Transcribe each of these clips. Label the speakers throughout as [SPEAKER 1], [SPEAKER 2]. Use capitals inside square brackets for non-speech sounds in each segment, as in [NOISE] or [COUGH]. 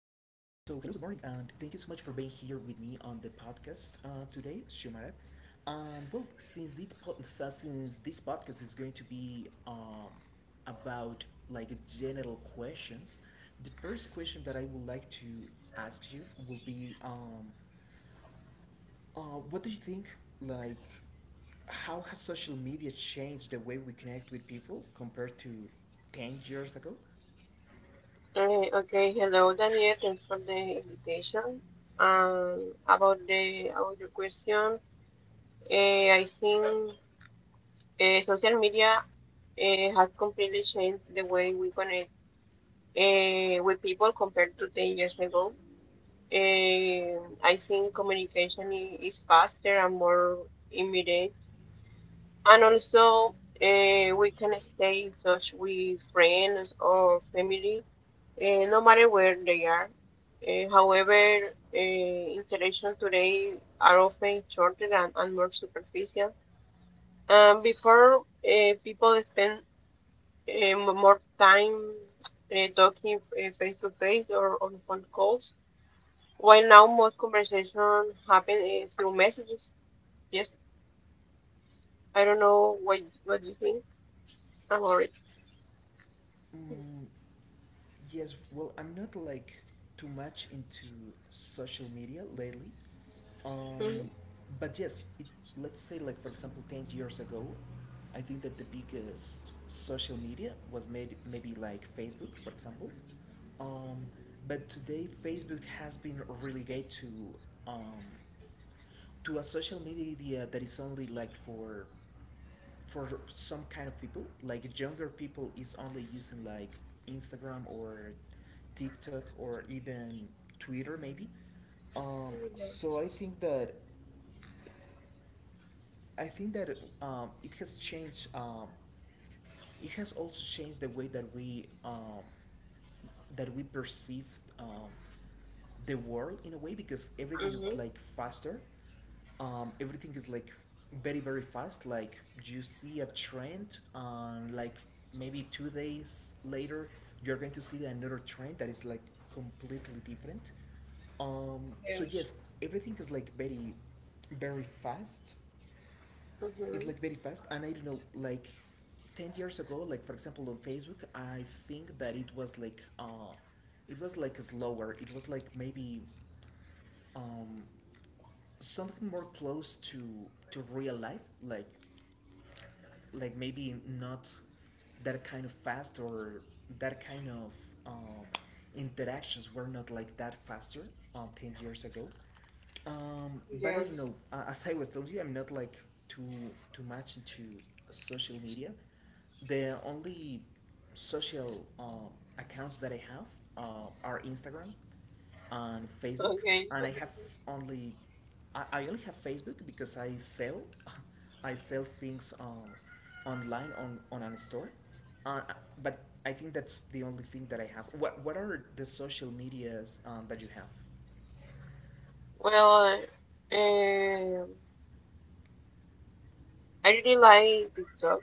[SPEAKER 1] hello, good morning, and thank you so much for being here with me on the podcast today, Shumara. And well, since this podcast is going to be about like general questions, the first question that I would like to ask you will be, what do you think? Like, how has social media changed the way we connect with people compared to 10 years ago?
[SPEAKER 2] Okay, Hello Daniel, thanks for the invitation. About your question, I think social media has completely changed the way we connect with people compared to 10 years ago. Eh, I think communication is faster and more immediate, and also we can stay in touch with friends or family no matter where they are. However, interactions today are often shorter and more superficial. Before, people spend eh, more time talking face to face or on phone calls, while now most conversations happen through messages. Yes, I don't know what you think about it.
[SPEAKER 1] Mm, yes, well, I'm not like too much into social media lately. Um, but yes, it, let's say, like, for example, 10 years ago, I think that the biggest social media was made maybe like Facebook, for example. Um, but today, Facebook has been relegated um, to a social media that is only like for some kind of people. Like younger people is only using like Instagram or TikTok or even Twitter maybe. Um,
[SPEAKER 2] Mm-hmm.
[SPEAKER 1] so I think that it has changed it has also changed the way that we perceive the world in a way, because everything is like faster. Everything is like very fast. Like you see a trend, and like maybe 2 days later, you're going to see another trend that is like completely different. So
[SPEAKER 2] Yes.
[SPEAKER 1] yes, everything is like very fast. It's
[SPEAKER 2] Mm-hmm.
[SPEAKER 1] like very fast. And I don't know, like 10 years ago, like for example on Facebook, I think that it was like slower. It was like maybe um something more close to real life, like maybe not that kind of fast or that kind of um, interactions were not like that faster 10 years ago. But I don't
[SPEAKER 2] Yes.
[SPEAKER 1] know, as I was telling you, I'm not like too much into social media. The only social accounts that I have are Instagram on Facebook,
[SPEAKER 2] Okay.
[SPEAKER 1] and I have only I only have Facebook because I sell [LAUGHS] I sell things online on an store, uh, but I think that's the only thing that I have. What are the social medias that you have?
[SPEAKER 2] Well, um, I really like TikTok.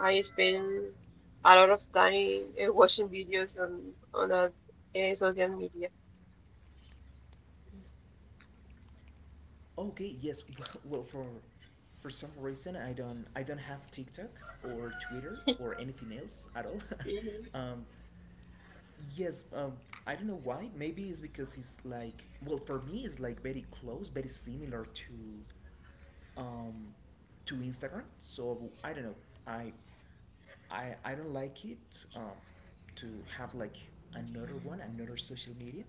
[SPEAKER 2] I spend a lot of time watching videos on social media.
[SPEAKER 1] Okay, yes. [LAUGHS] Well, for some reason I don't have TikTok or Twitter or anything else at all.
[SPEAKER 2] Mhm.
[SPEAKER 1] [LAUGHS] um, Yes, um, I don't know why. Maybe it's because it's like, well, for me, it's like very close, very similar um, to Instagram. So I don't know. I, I don't like it, to have like another one, another social media.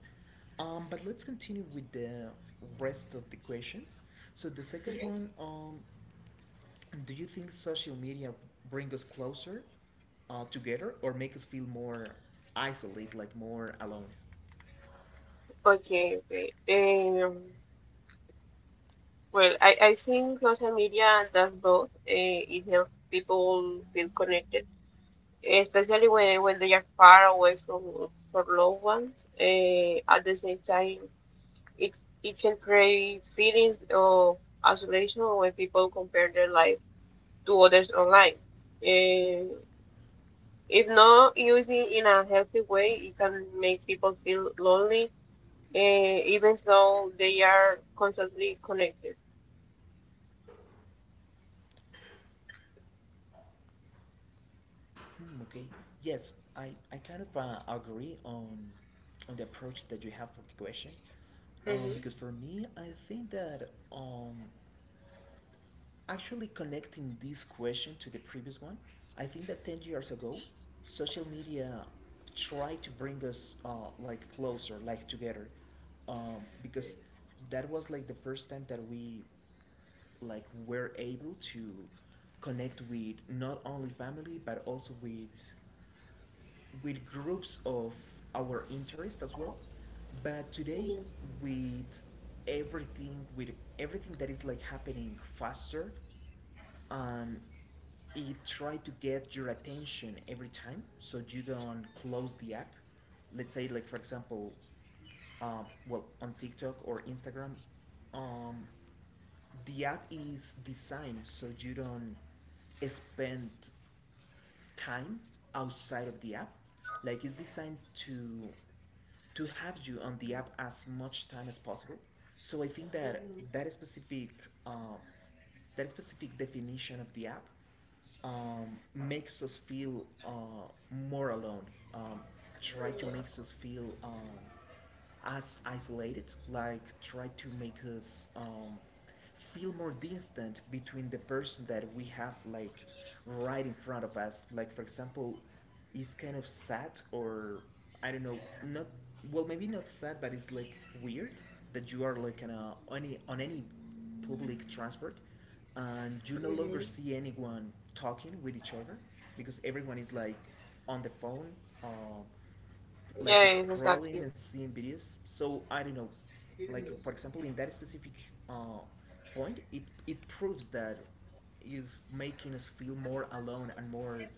[SPEAKER 1] But let's continue with the rest of the questions. So the second
[SPEAKER 2] Yes.
[SPEAKER 1] one, do you think social media bring us closer, together, or make us feel more isolate, like more alone?
[SPEAKER 2] Okay. Um, well, I think social media does both. It helps people feel connected, especially when they are far away from loved ones. At the same time, It it can create feelings of isolation when people compare their life to others online. Eh, if not used in a healthy way, it can make people feel lonely, even though they are constantly connected.
[SPEAKER 1] Hmm, okay. Yes, I kind of agree on the approach that you have for the question.
[SPEAKER 2] Hmm.
[SPEAKER 1] Because for me, I think that actually connecting this question to the previous one, I think that 10 years ago, social media tried to bring us like closer, like together. Because that was like the first time that we like were able to connect with not only family but also with groups of our interest as well. But today,
[SPEAKER 2] Yes.
[SPEAKER 1] with with everything that is like happening faster, and it try to get your attention every time, so you don't close the app. Let's say, like for example, well, on TikTok or Instagram, um, the app is designed so you don't spend time outside of the app. Like it's designed to have you on the app as much time as possible. So I think that that
[SPEAKER 2] Hmm.
[SPEAKER 1] specific um, definition of the app makes us feel more alone. Um, Try to makes us
[SPEAKER 2] Yes.
[SPEAKER 1] feel as isolated, like try to make us feel more distant between the person that we have like right in front of us. Like for example, it's kind of sad, or I don't know, not well, maybe not sad, but it's like weird that you are like on a, any on any public transport and you no longer see
[SPEAKER 2] Hmm.
[SPEAKER 1] anyone talking with each other because everyone is like on the phone. Uh, like
[SPEAKER 2] Yes,
[SPEAKER 1] scrolling
[SPEAKER 2] exactly.
[SPEAKER 1] and seeing videos. So I don't know, like
[SPEAKER 2] Hmm.
[SPEAKER 1] for example, in that specific uh, point, it proves that is making us feel more alone and more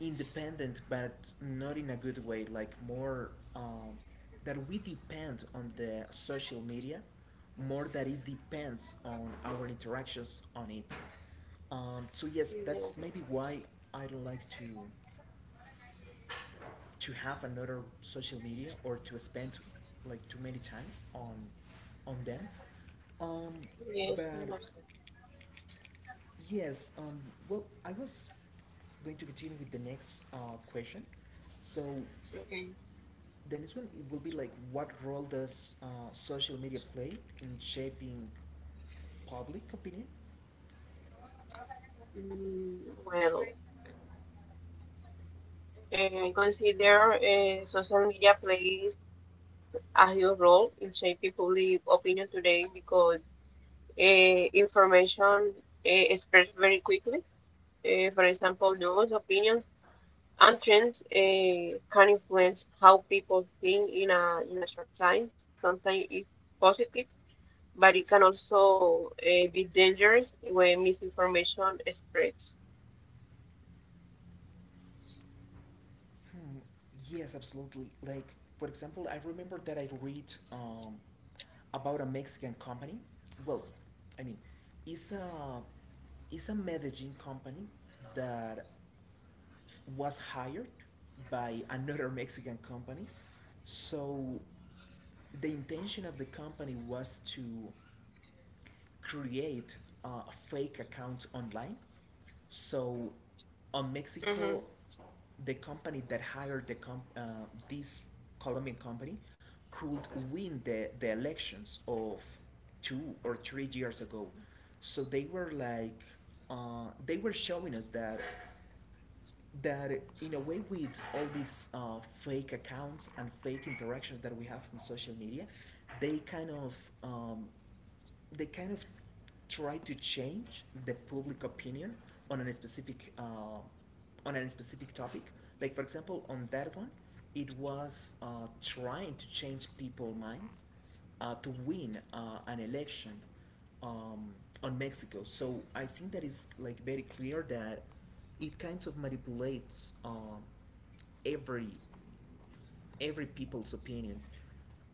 [SPEAKER 1] independent, but not in a good way. Like more that we depend on the social media more that it depends on our interactions on it. So yes, that's
[SPEAKER 2] Yes.
[SPEAKER 1] maybe why I don't like to have another social media or to spend like too many time on them. Um,
[SPEAKER 2] Yes.
[SPEAKER 1] but
[SPEAKER 2] I understand.
[SPEAKER 1] yes, um, well, I was going to continue with the next question. So
[SPEAKER 2] Okay.
[SPEAKER 1] the next one it will be like, what role does social media play in shaping public opinion?
[SPEAKER 2] Mm, well. Consider social media plays a huge role in shaping public opinion today because information spreads very quickly. For example, news, opinions, and trends can influence how people think in a short time. Sometimes it's positive, but it can also be dangerous when misinformation spreads.
[SPEAKER 1] Hmm, yes, absolutely. Like for example, I remember that I read about a Mexican company. Well, I mean, it's a it's a Medellin company that was hired by another [LAUGHS] Mexican company. So the intention of the company was to create uh, fake accounts online. So, on Mexico,
[SPEAKER 2] Mm-hmm.
[SPEAKER 1] the company that hired the com- this Colombian company could win the elections of 2 or 3 years ago. So they were like, they were showing us that that in a way, with all these fake accounts and fake interactions that we have in social media, they kind of um, they kind of try to change the public opinion on a specific topic. Like for example, on that one, it was trying to change people's minds to win an election um, on Mexico. So I think that is like very clear that it kinds of manipulates every every people's opinion.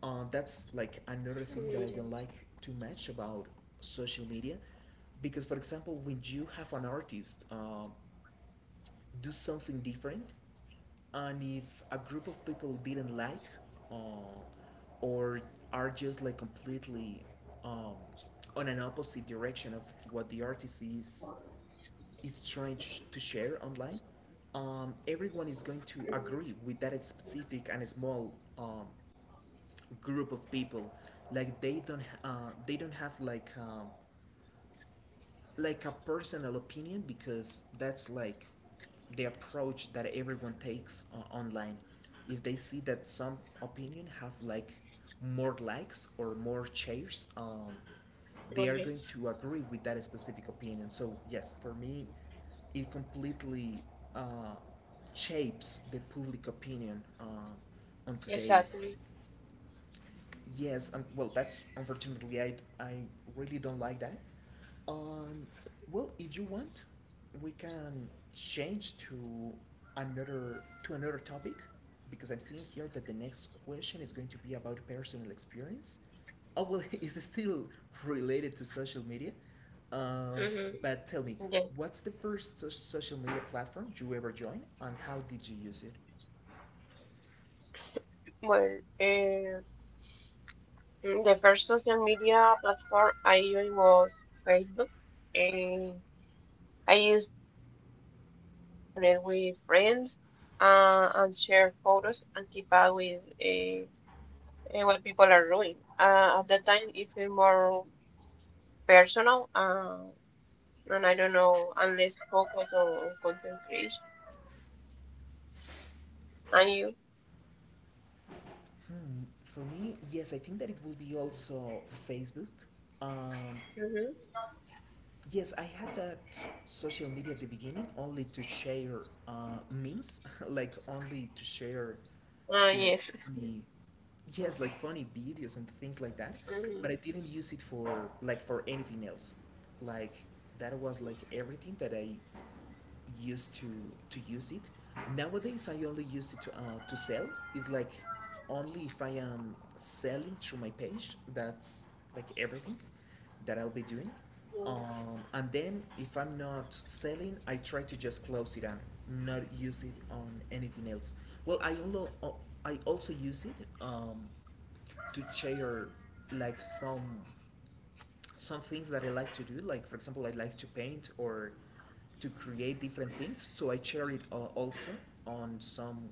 [SPEAKER 1] That's like another thing that I
[SPEAKER 2] Yes,
[SPEAKER 1] don't like too much about social media, because for example, when you have an artist do something different, and if a group of people didn't like uh, or are just like completely um, on an opposite direction of what the artist is trying to share online, everyone is going to agree with that specific and small group of people, like they don't have like a personal opinion, because that's like the approach that everyone takes online. If they see that some opinion have like more likes or more shares,
[SPEAKER 2] oh,
[SPEAKER 1] they are
[SPEAKER 2] yes,
[SPEAKER 1] going to agree with that specific opinion. So yes, for me, it completely uh, shapes the public opinion on
[SPEAKER 2] exactly.
[SPEAKER 1] today's. Yes, and well, that's unfortunately I really don't like that. Um, well, if you want, we can change to another topic, because I'm seeing here that the next question is going to be about personal experience. Oh well, [LAUGHS] it's still related to social media. Uh,
[SPEAKER 2] Mm-hmm.
[SPEAKER 1] but tell me, what's the first social media platform you ever joined, and how did you use it?
[SPEAKER 2] Well, the first social media platform I used was Facebook, and I used it mainly to connect with friends and share photos and keep up with uh, what people are doing. At that time, it felt more personal, and I don't know, and less focused on content creation. And you?
[SPEAKER 1] For me, yes, I think that it will be also Facebook. Um,
[SPEAKER 2] Mm-hmm.
[SPEAKER 1] yes, I had that social media at the beginning only to share memes, [LAUGHS] like only to share like
[SPEAKER 2] Yes. [LAUGHS]
[SPEAKER 1] funny, yes, like funny videos and things like that. But I
[SPEAKER 2] Mhm.
[SPEAKER 1] didn't use it for like for anything else. Like that was like everything that I used to use it. Nowadays, I only use it to sell. It's like only if I am selling through my page. That's like everything that I'll be doing.
[SPEAKER 2] Yeah.
[SPEAKER 1] And then if I'm not selling, I try to just close it and not use it on anything else. Well, I also use it um, to share like some things that I like to do. Like for example, I like to paint or to create different things. So I share it also on some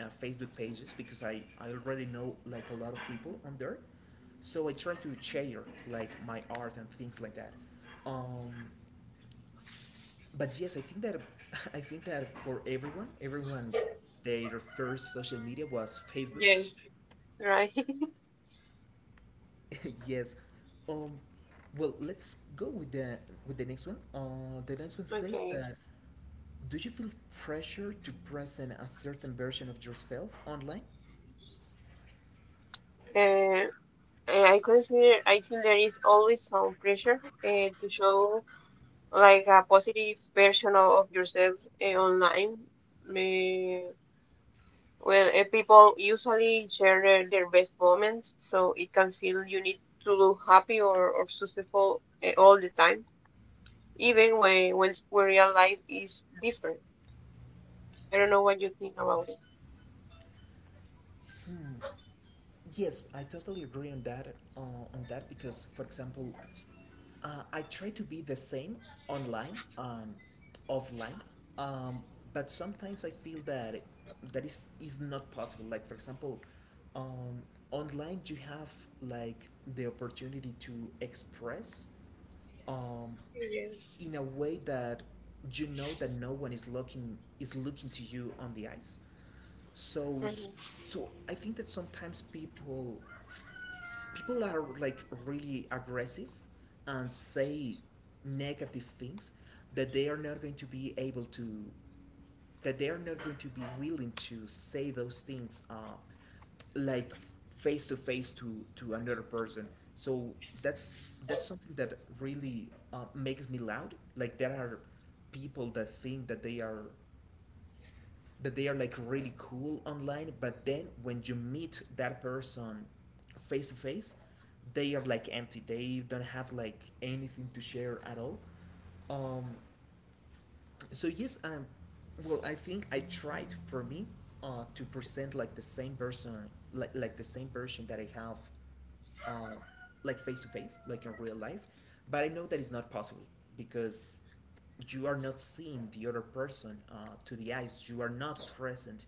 [SPEAKER 1] Facebook pages, because I already know like a lot of people on there. So I try to share like my art and things like that. Um, but yes, I think that [LAUGHS] I think that for everyone, everyone their first social media was Facebook.
[SPEAKER 2] Yes. Right. [LAUGHS]
[SPEAKER 1] [LAUGHS] Yes. Um, well, let's go with the next one. The next one says that, do you feel pressure to present a certain version of yourself online?
[SPEAKER 2] Uh, I consider I think there is always some pressure to show like a positive version of yourself online. Uh, well, people usually share their best moments, so it can feel you need to look happy or successful all the time, even when real life is different. I don't know what you think about it.
[SPEAKER 1] Yes, I totally agree on that. On that, because, for example, I try to be the same online and offline, um, but sometimes I feel that that is not possible. Like for example, um, online you have like the opportunity to express um,
[SPEAKER 2] Yes.
[SPEAKER 1] in a way that you know that no one is looking to you on the eyes. So
[SPEAKER 2] Mm-hmm.
[SPEAKER 1] so I think that sometimes people are like really aggressive and say negative things that they are not going to be able to that they are not going to be willing to say those things like face to face to another person so that's something that really makes me loud like there are people that think that they are like really cool online, but then when you meet that person face to face, they are like empty. They don't have like anything to share at all. Um, so yes, well, I think I tried for me to present like the same person like the same version that I have uh like face to face, like in real life, but I know that it's not possible because you are not seeing the other person to the eyes, you are not present,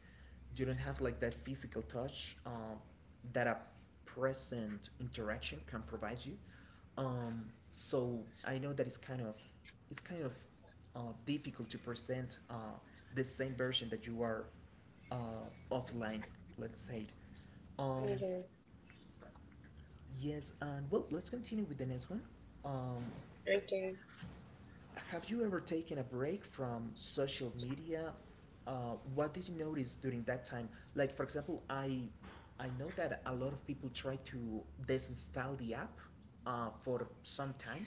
[SPEAKER 1] you don't have like that physical touch, that a present interaction can provide you. um, so I know that it's kind of it's kind of difficult to present the same version that you are uh, offline, let's say. Um,
[SPEAKER 2] Yes.
[SPEAKER 1] yes, and well, let's continue with the next one. Um,
[SPEAKER 2] Okay.
[SPEAKER 1] have you ever taken a break from social media? What did you notice during that time? Like, for example, I know that a lot of people try to disinstall the app for some time.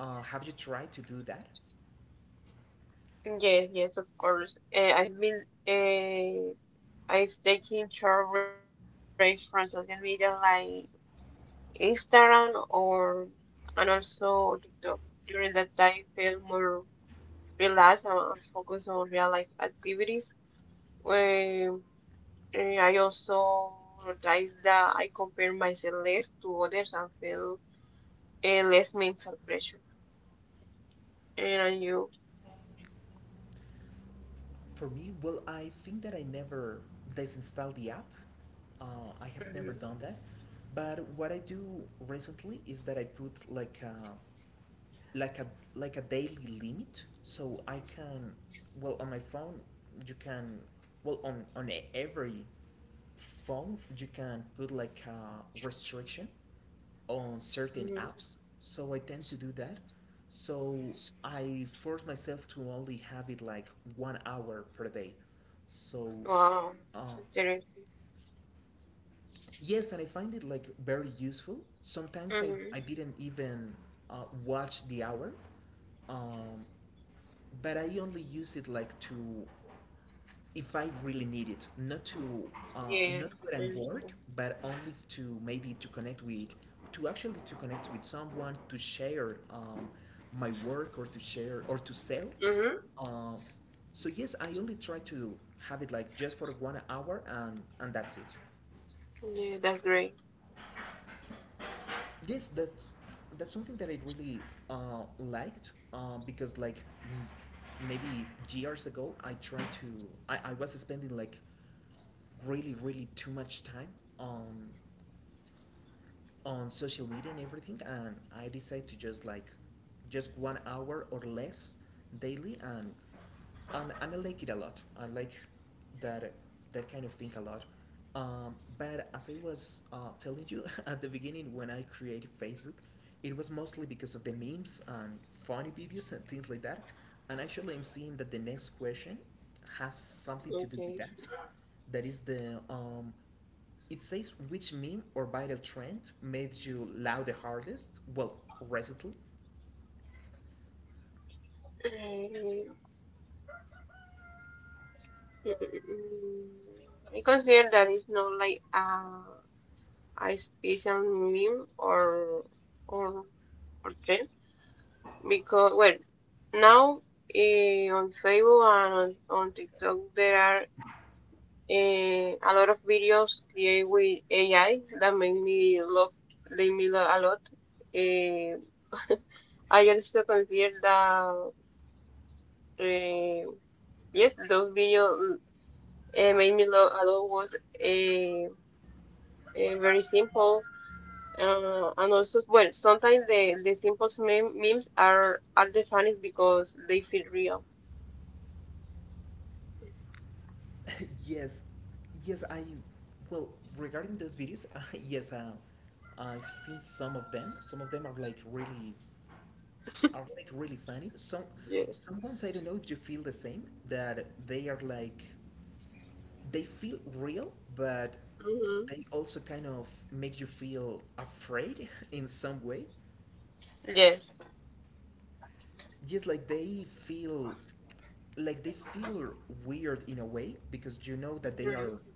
[SPEAKER 1] Have you tried to do that?
[SPEAKER 2] Yes, yes, of course. I've been. uh, If they can short reach from social media like Instagram or and also TikTok during that time feel more relaxed and focus on real life activities. Um, I also notice that I compare myself less to others and feel less mental pressure. And you?
[SPEAKER 1] For me, well, I think that I never disinstall the app. Uh, I have never
[SPEAKER 2] Hmm.
[SPEAKER 1] done that. But what I do recently is that I put like a like a like a daily limit, so I can well on my phone you can well on every phone you can put like a restriction on certain
[SPEAKER 2] Hmm.
[SPEAKER 1] apps, so I tend to do that. So I force myself to only have it like 1 hour per day. So
[SPEAKER 2] Wow,
[SPEAKER 1] uh,
[SPEAKER 2] interesting.
[SPEAKER 1] yes, and I find it like very useful. Sometimes I
[SPEAKER 2] Mm-hmm.
[SPEAKER 1] didn't even watch the hour. um, but I only use it like to, if I really need it, not to
[SPEAKER 2] Yeah,
[SPEAKER 1] not when I'm bored,
[SPEAKER 2] interesting.
[SPEAKER 1] but only to maybe to connect with, to actually to connect with someone, to share, my work or to share or to sell.
[SPEAKER 2] Mm-hmm.
[SPEAKER 1] Uh, so yes, I only try to have it like just for 1 hour and that's it.
[SPEAKER 2] Yeah, that's great.
[SPEAKER 1] Yes, that's something that I really liked because like maybe years ago I tried to I was spending like really really too much time on on social media and everything, and I decide to just like just 1 hour or less daily, and and I like it a lot. I like that that kind of thing a lot. But as I was telling you [LAUGHS] at the beginning, when I created Facebook, it was mostly because of the memes and funny videos and things like that. And actually, I'm seeing that the next question has something to do with
[SPEAKER 2] Okay.
[SPEAKER 1] that. That is the it says, which meme or viral trend made you laugh the hardest? Well, recently.
[SPEAKER 2] Mm, mm, mm, mm. I consider that it's not like a special meme or or trend because well now on Facebook and on TikTok there are a lot of videos created with AI that make me look they me look a lot. Eh, [LAUGHS] I also consider that eh, yes those videos it made me love a lot was a, a very simple. And also, well, sometimes the simplest memes are the funniest because they feel real.
[SPEAKER 1] [LAUGHS] Yes, yes, I. Well, regarding those videos, [LAUGHS] yes, I've seen some of them. Some of them are like really funny.
[SPEAKER 2] Yeah.
[SPEAKER 1] Some ones, I don't know if you feel the same. That they are like, they feel real, but
[SPEAKER 2] Hmm.
[SPEAKER 1] they also kind of make you feel afraid [LAUGHS] in some way.
[SPEAKER 2] Yes.
[SPEAKER 1] Yes, like they feel weird in a way because you know that
[SPEAKER 2] Hmm.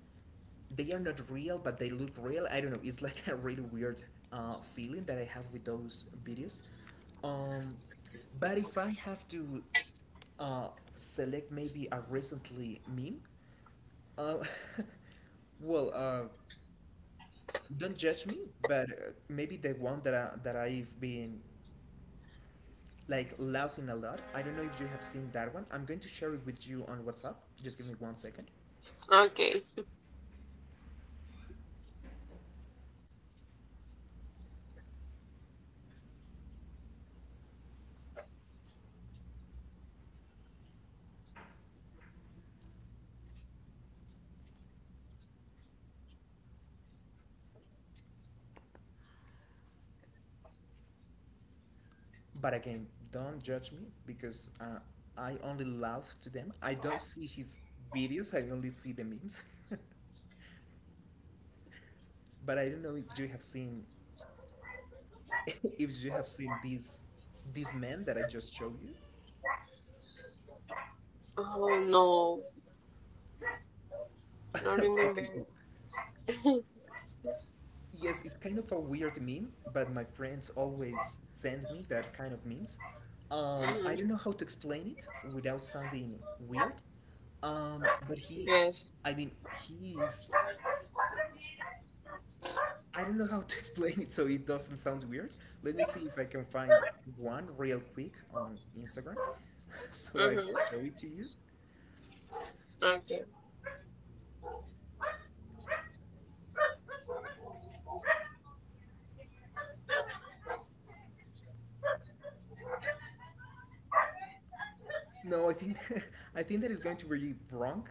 [SPEAKER 1] they are not real but they look real. I don't know, it's like [LAUGHS] a really weird feeling that I have with those videos. um but if I have to uh select maybe a recently meme, uh, [LAUGHS] well, don't judge me, but maybe the one that that I've been like laughing a lot. I don't know if you have seen that one. I'm going to share it with you on WhatsApp. Just give me 1 second.
[SPEAKER 2] Okay.
[SPEAKER 1] But again, don't judge me because I only laugh to them. I don't see his videos. I only see the memes. [LAUGHS] But I don't know if you have seen [LAUGHS] if you have seen these men that I just showed you.
[SPEAKER 2] Oh, no. Not
[SPEAKER 1] [LAUGHS]
[SPEAKER 2] remember. [LAUGHS]
[SPEAKER 1] Okay, well, yes, it's kind of a weird meme, but my friends always send me that kind of memes.
[SPEAKER 2] Hmm.
[SPEAKER 1] I don't know how to explain it without sounding weird, but he,
[SPEAKER 2] Yes.
[SPEAKER 1] I mean, he is. I don't know how to [LAUGHS] explain it so it doesn't sound weird. Let me see if I can find one real quick on Instagram [LAUGHS] so I
[SPEAKER 2] Hmm.
[SPEAKER 1] can show it to you.
[SPEAKER 2] Okay.
[SPEAKER 1] No, I think [LAUGHS] I think that is going to be wrong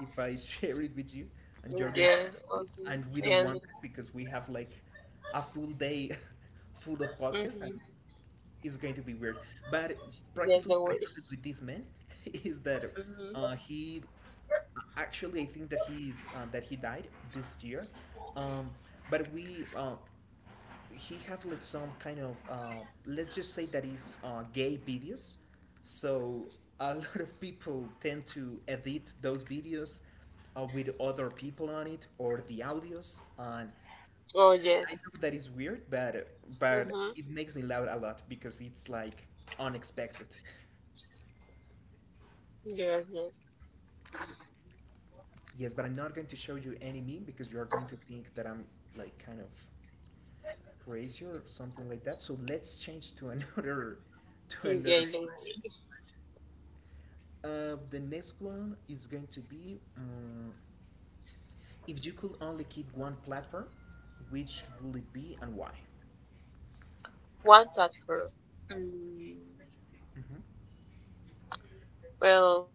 [SPEAKER 1] if I [LAUGHS] share it with you and you're going to
[SPEAKER 2] Yeah.
[SPEAKER 1] judge me.
[SPEAKER 2] Okay.
[SPEAKER 1] And we don't
[SPEAKER 2] Yeah.
[SPEAKER 1] want that because we have like a full day [LAUGHS] full of podcasts and
[SPEAKER 2] Mm-hmm.
[SPEAKER 1] it's going to be weird. But
[SPEAKER 2] Yes,
[SPEAKER 1] practically
[SPEAKER 2] the
[SPEAKER 1] what
[SPEAKER 2] word.
[SPEAKER 1] happens with this man [LAUGHS] is that
[SPEAKER 2] Hmm.
[SPEAKER 1] uh, he actually I think that he's that he died this year. Um, but we he have like some kind of let's just say that it's gay videos, so a [LAUGHS] lot of people tend to edit those videos with other people on it or the audios, and
[SPEAKER 2] Oh, yes.
[SPEAKER 1] I know that is weird, but
[SPEAKER 2] Hmm.
[SPEAKER 1] it makes me laugh a lot because it's like unexpected.
[SPEAKER 2] Yes, yes.
[SPEAKER 1] [LAUGHS] Yes, but I'm not going to show you any meme because you are going to think that I'm like kind of crazy or something like that, so let's change to another [LAUGHS] to another
[SPEAKER 2] Okay, the
[SPEAKER 1] question.
[SPEAKER 2] word.
[SPEAKER 1] The next one is going to be, if you could only keep one platform, which will it be and why?
[SPEAKER 2] One platform. Mm,
[SPEAKER 1] Mhm.
[SPEAKER 2] well,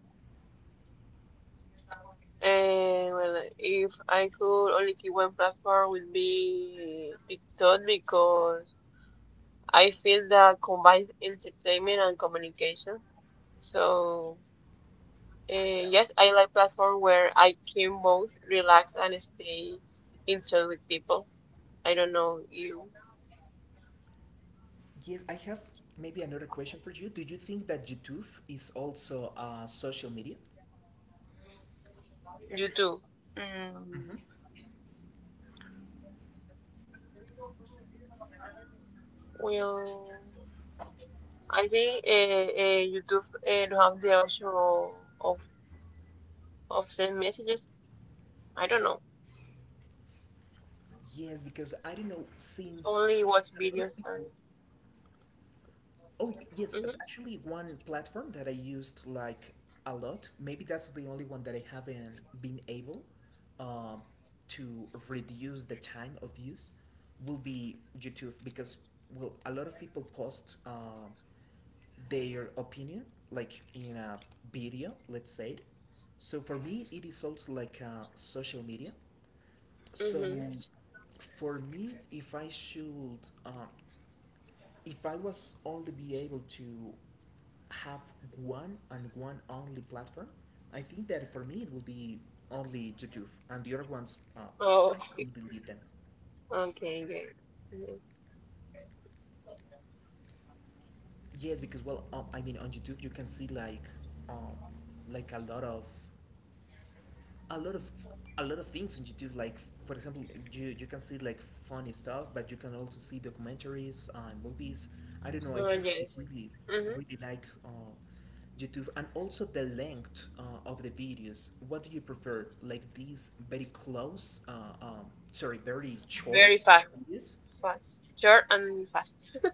[SPEAKER 2] well, if I could only keep one platform, would be TikTok because I feel that combines entertainment and communication. So, yes, I like platform where I can both relax and stay in touch with people. I don't know you,
[SPEAKER 1] Yes, I have maybe another question for you. Do you think that YouTube is also social media?
[SPEAKER 2] you too. Mm,
[SPEAKER 1] Mm-hmm.
[SPEAKER 2] well, I think YouTube don't have the option of Of send messages? I don't know.
[SPEAKER 1] Yes, because I don't know, since,
[SPEAKER 2] Only watch
[SPEAKER 1] a lot
[SPEAKER 2] videos
[SPEAKER 1] of people.
[SPEAKER 2] and.
[SPEAKER 1] Oh, yes,
[SPEAKER 2] Mm-hmm.
[SPEAKER 1] actually, one platform that I used like a lot, maybe that's the only one that I haven't been able um, to reduce the time of use, will be YouTube because, well, a lot of people post their opinion like in a video, let's say it. So for me, it is also like social media. So
[SPEAKER 2] Mm-hmm.
[SPEAKER 1] for me, if I should um, if I was only be able to have one and one only platform, I think that for me it will be only YouTube, and the other ones I
[SPEAKER 2] Oh. [LAUGHS]
[SPEAKER 1] could delete them.
[SPEAKER 2] Okay. Yeah. Mm-hmm.
[SPEAKER 1] Yes, because well, I mean on YouTube you can see um, like a lot of a lot of a lot of things on YouTube. Like for example, you can see like funny stuff, but you can also see documentaries and movies. I don't know. I
[SPEAKER 2] Oh,
[SPEAKER 1] think that I
[SPEAKER 2] yes.
[SPEAKER 1] really
[SPEAKER 2] Mm-hmm.
[SPEAKER 1] really like YouTube, and also the length of the videos. What do you prefer? Like these very close, um, sorry, very
[SPEAKER 2] Very
[SPEAKER 1] short
[SPEAKER 2] fast.
[SPEAKER 1] videos.
[SPEAKER 2] Fast. Short and fast. [LAUGHS]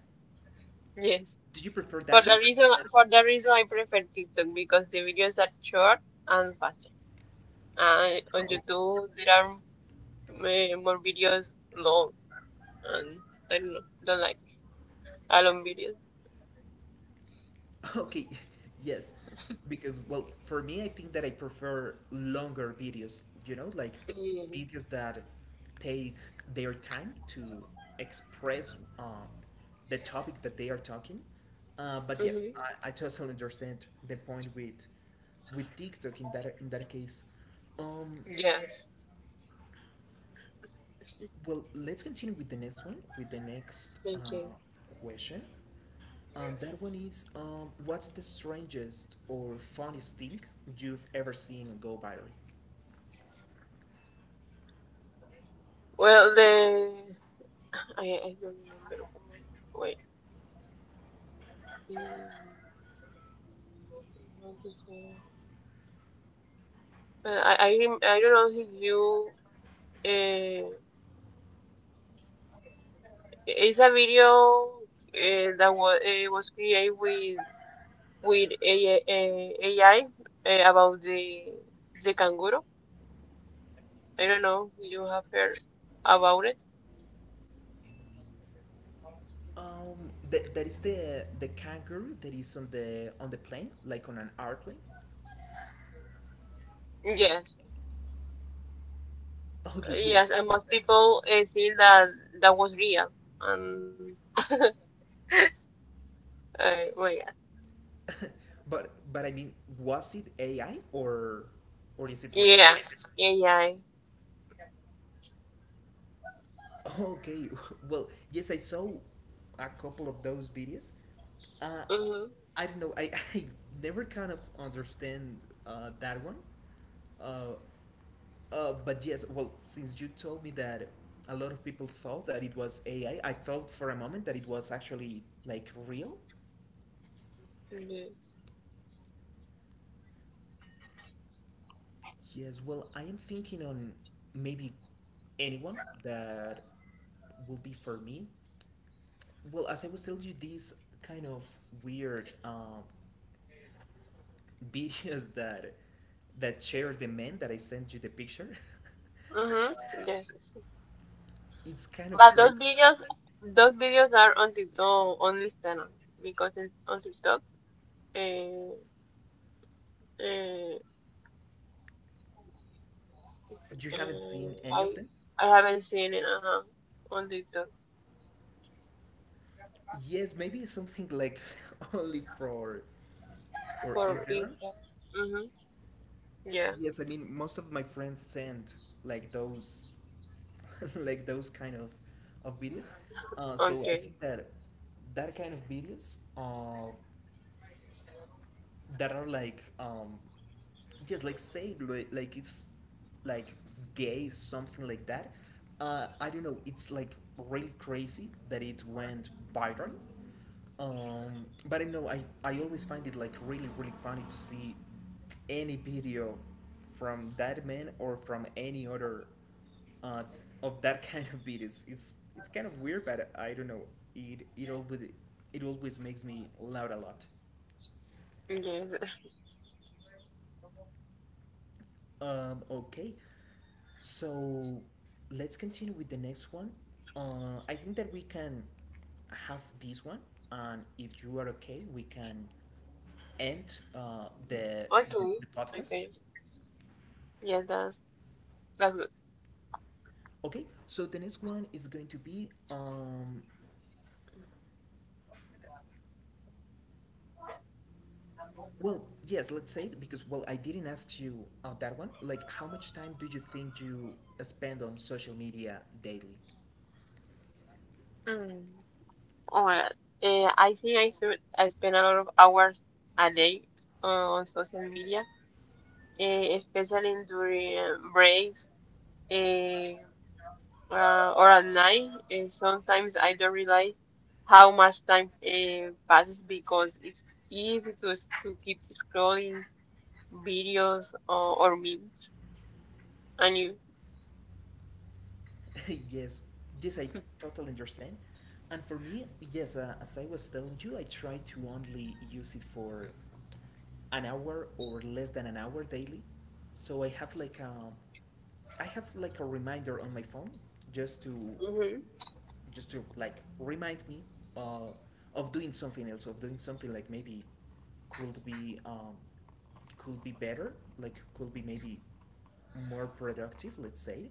[SPEAKER 2] Yes.
[SPEAKER 1] Do you prefer
[SPEAKER 2] For
[SPEAKER 1] that
[SPEAKER 2] the
[SPEAKER 1] one
[SPEAKER 2] reason,
[SPEAKER 1] instead
[SPEAKER 2] for the reason I prefer TikTok because the videos are short and faster. And on
[SPEAKER 1] of [LAUGHS]
[SPEAKER 2] YouTube there are uh, more videos long and I don't know. Don't like a long videos.
[SPEAKER 1] okay, [LAUGHS] yes. Because, well, for me, I think that I prefer longer videos, you know, like
[SPEAKER 2] Mm-hmm.
[SPEAKER 1] videos that take their time to express the topic that they are talking. But yes,
[SPEAKER 2] Mm-hmm.
[SPEAKER 1] I totally understand the point with TikTok in that case. Um,
[SPEAKER 2] Yes.
[SPEAKER 1] well, let's continue with the next one, with the next
[SPEAKER 2] Thank you.
[SPEAKER 1] question. And that one is, what's the strangest or funniest thing you've ever seen go viral?
[SPEAKER 2] Well, the I don't remember. Wait. Mm, I don't know if you. Uh, it's a video that was created with AI, AI about the kangaroo. I don't know if you have heard about it?
[SPEAKER 1] That, that is the kangaroo that is on the plane, like on an airplane.
[SPEAKER 2] Yes,
[SPEAKER 1] Okay,
[SPEAKER 2] yes.
[SPEAKER 1] yes,
[SPEAKER 2] And
[SPEAKER 1] yes.
[SPEAKER 2] most people think that that was real. Um. [LAUGHS] uh, well, yeah.
[SPEAKER 1] But I mean, was it AI or is it real?
[SPEAKER 2] Yeah. AI.
[SPEAKER 1] Okay, [LAUGHS] well, yes, I saw a couple of those videos. Uh,
[SPEAKER 2] Mm-hmm.
[SPEAKER 1] I don't know. [LAUGHS] I never kind of understand that one. Uh, but yes, well, since you told me that a lot of people thought that it was AI, I thought for a moment that it was actually like real. Yes, well, I am thinking on maybe anyone that will be for me. Well, as I was telling you, these kind of weird [LAUGHS] videos that that share the men that I sent you the picture, [LAUGHS]
[SPEAKER 2] Ujú. Yes.
[SPEAKER 1] it's kind of
[SPEAKER 2] But
[SPEAKER 1] crazy.
[SPEAKER 2] those videos are on on Instagram because it's on TikTok, uh, uh,
[SPEAKER 1] You haven't
[SPEAKER 2] uh,
[SPEAKER 1] seen any of
[SPEAKER 2] I
[SPEAKER 1] them?
[SPEAKER 2] I haven't seen it, uh-huh, on TikTok
[SPEAKER 1] Yes, maybe something like [LAUGHS] only for
[SPEAKER 2] for
[SPEAKER 1] Instagram.
[SPEAKER 2] Insta. Mm-hmm. Yeah.
[SPEAKER 1] Yes, I mean most of my friends send like those, [LAUGHS] like those kind of videos. So I
[SPEAKER 2] Okay.
[SPEAKER 1] think that that kind of videos that are like just like say like it's like gay something like that. I don't know, it's like really crazy that it went viral. But I know, I always find it like really really funny to see any video from that man or from any other uh, of that [LAUGHS] kind of beat. Is it's kind of weird, but I don't know, it it always makes me laugh a lot.
[SPEAKER 2] Yes. [LAUGHS]
[SPEAKER 1] Okay. So let's continue with the next one. I think that we can have this one, and if you are okay, we can end
[SPEAKER 2] Okay.
[SPEAKER 1] the podcast.
[SPEAKER 2] Okay. Yes, that's good.
[SPEAKER 1] Okay. So the next one is going to be Well, yes, let's say it because well, I didn't ask you that one. Like, how much time do you think you spend on social media daily?
[SPEAKER 2] Mm. Oh my God. I think I should, I spend a lot of hours a day on social media, especially during breaks eh, or at night. And sometimes I don't realize how much time passes because it's easy to keep scrolling videos or memes. And you?
[SPEAKER 1] [LAUGHS] Yes, yes, I totally understand. And for me, yes, as I was telling you, I try to only use it for an hour or less than an hour daily. So I have like I have like a reminder on my phone just to
[SPEAKER 2] Hmm.
[SPEAKER 1] just to like remind me uh, of doing something else, of doing something like maybe could be, could be better, like could be maybe more productive, let's say.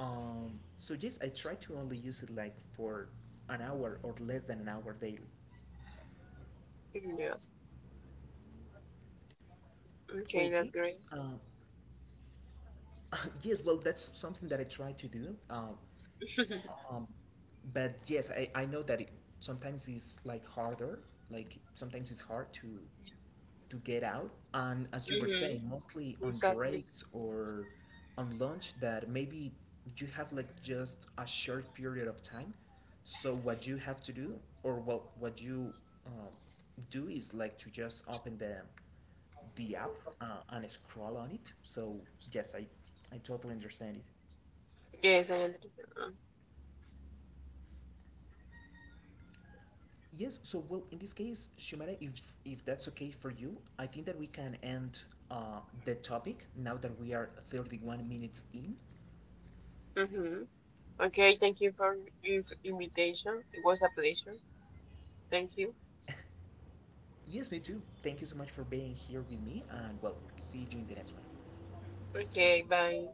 [SPEAKER 1] So yes, I try to only use it like for an hour or less than an hour daily.
[SPEAKER 2] Yes, okay, that's
[SPEAKER 1] Okay.
[SPEAKER 2] great.
[SPEAKER 1] Um, [LAUGHS] yes, well, that's something that I try to do. Um, but yes, I know that it sometimes is like harder. Like sometimes it's hard to get out. And as you were
[SPEAKER 2] Hmm.
[SPEAKER 1] saying, mostly on
[SPEAKER 2] Exactly.
[SPEAKER 1] breaks or on lunch, that maybe you have like just a short period of time. So what you have to do, or what you um, do, is like to just open the app and scroll on it. So yes, I totally understand it.
[SPEAKER 2] Yes, I understand.
[SPEAKER 1] Yes, so well, in this case, Shumara, if that's okay for you, I think that we can end the topic now that we are 31 minutes in.
[SPEAKER 2] Hmm. Okay, thank you for your invitation. It was a pleasure. Thank you.
[SPEAKER 1] Yes, me too. Thank you so much for being here with me, and well, see you in the next one.
[SPEAKER 2] Okay, bye.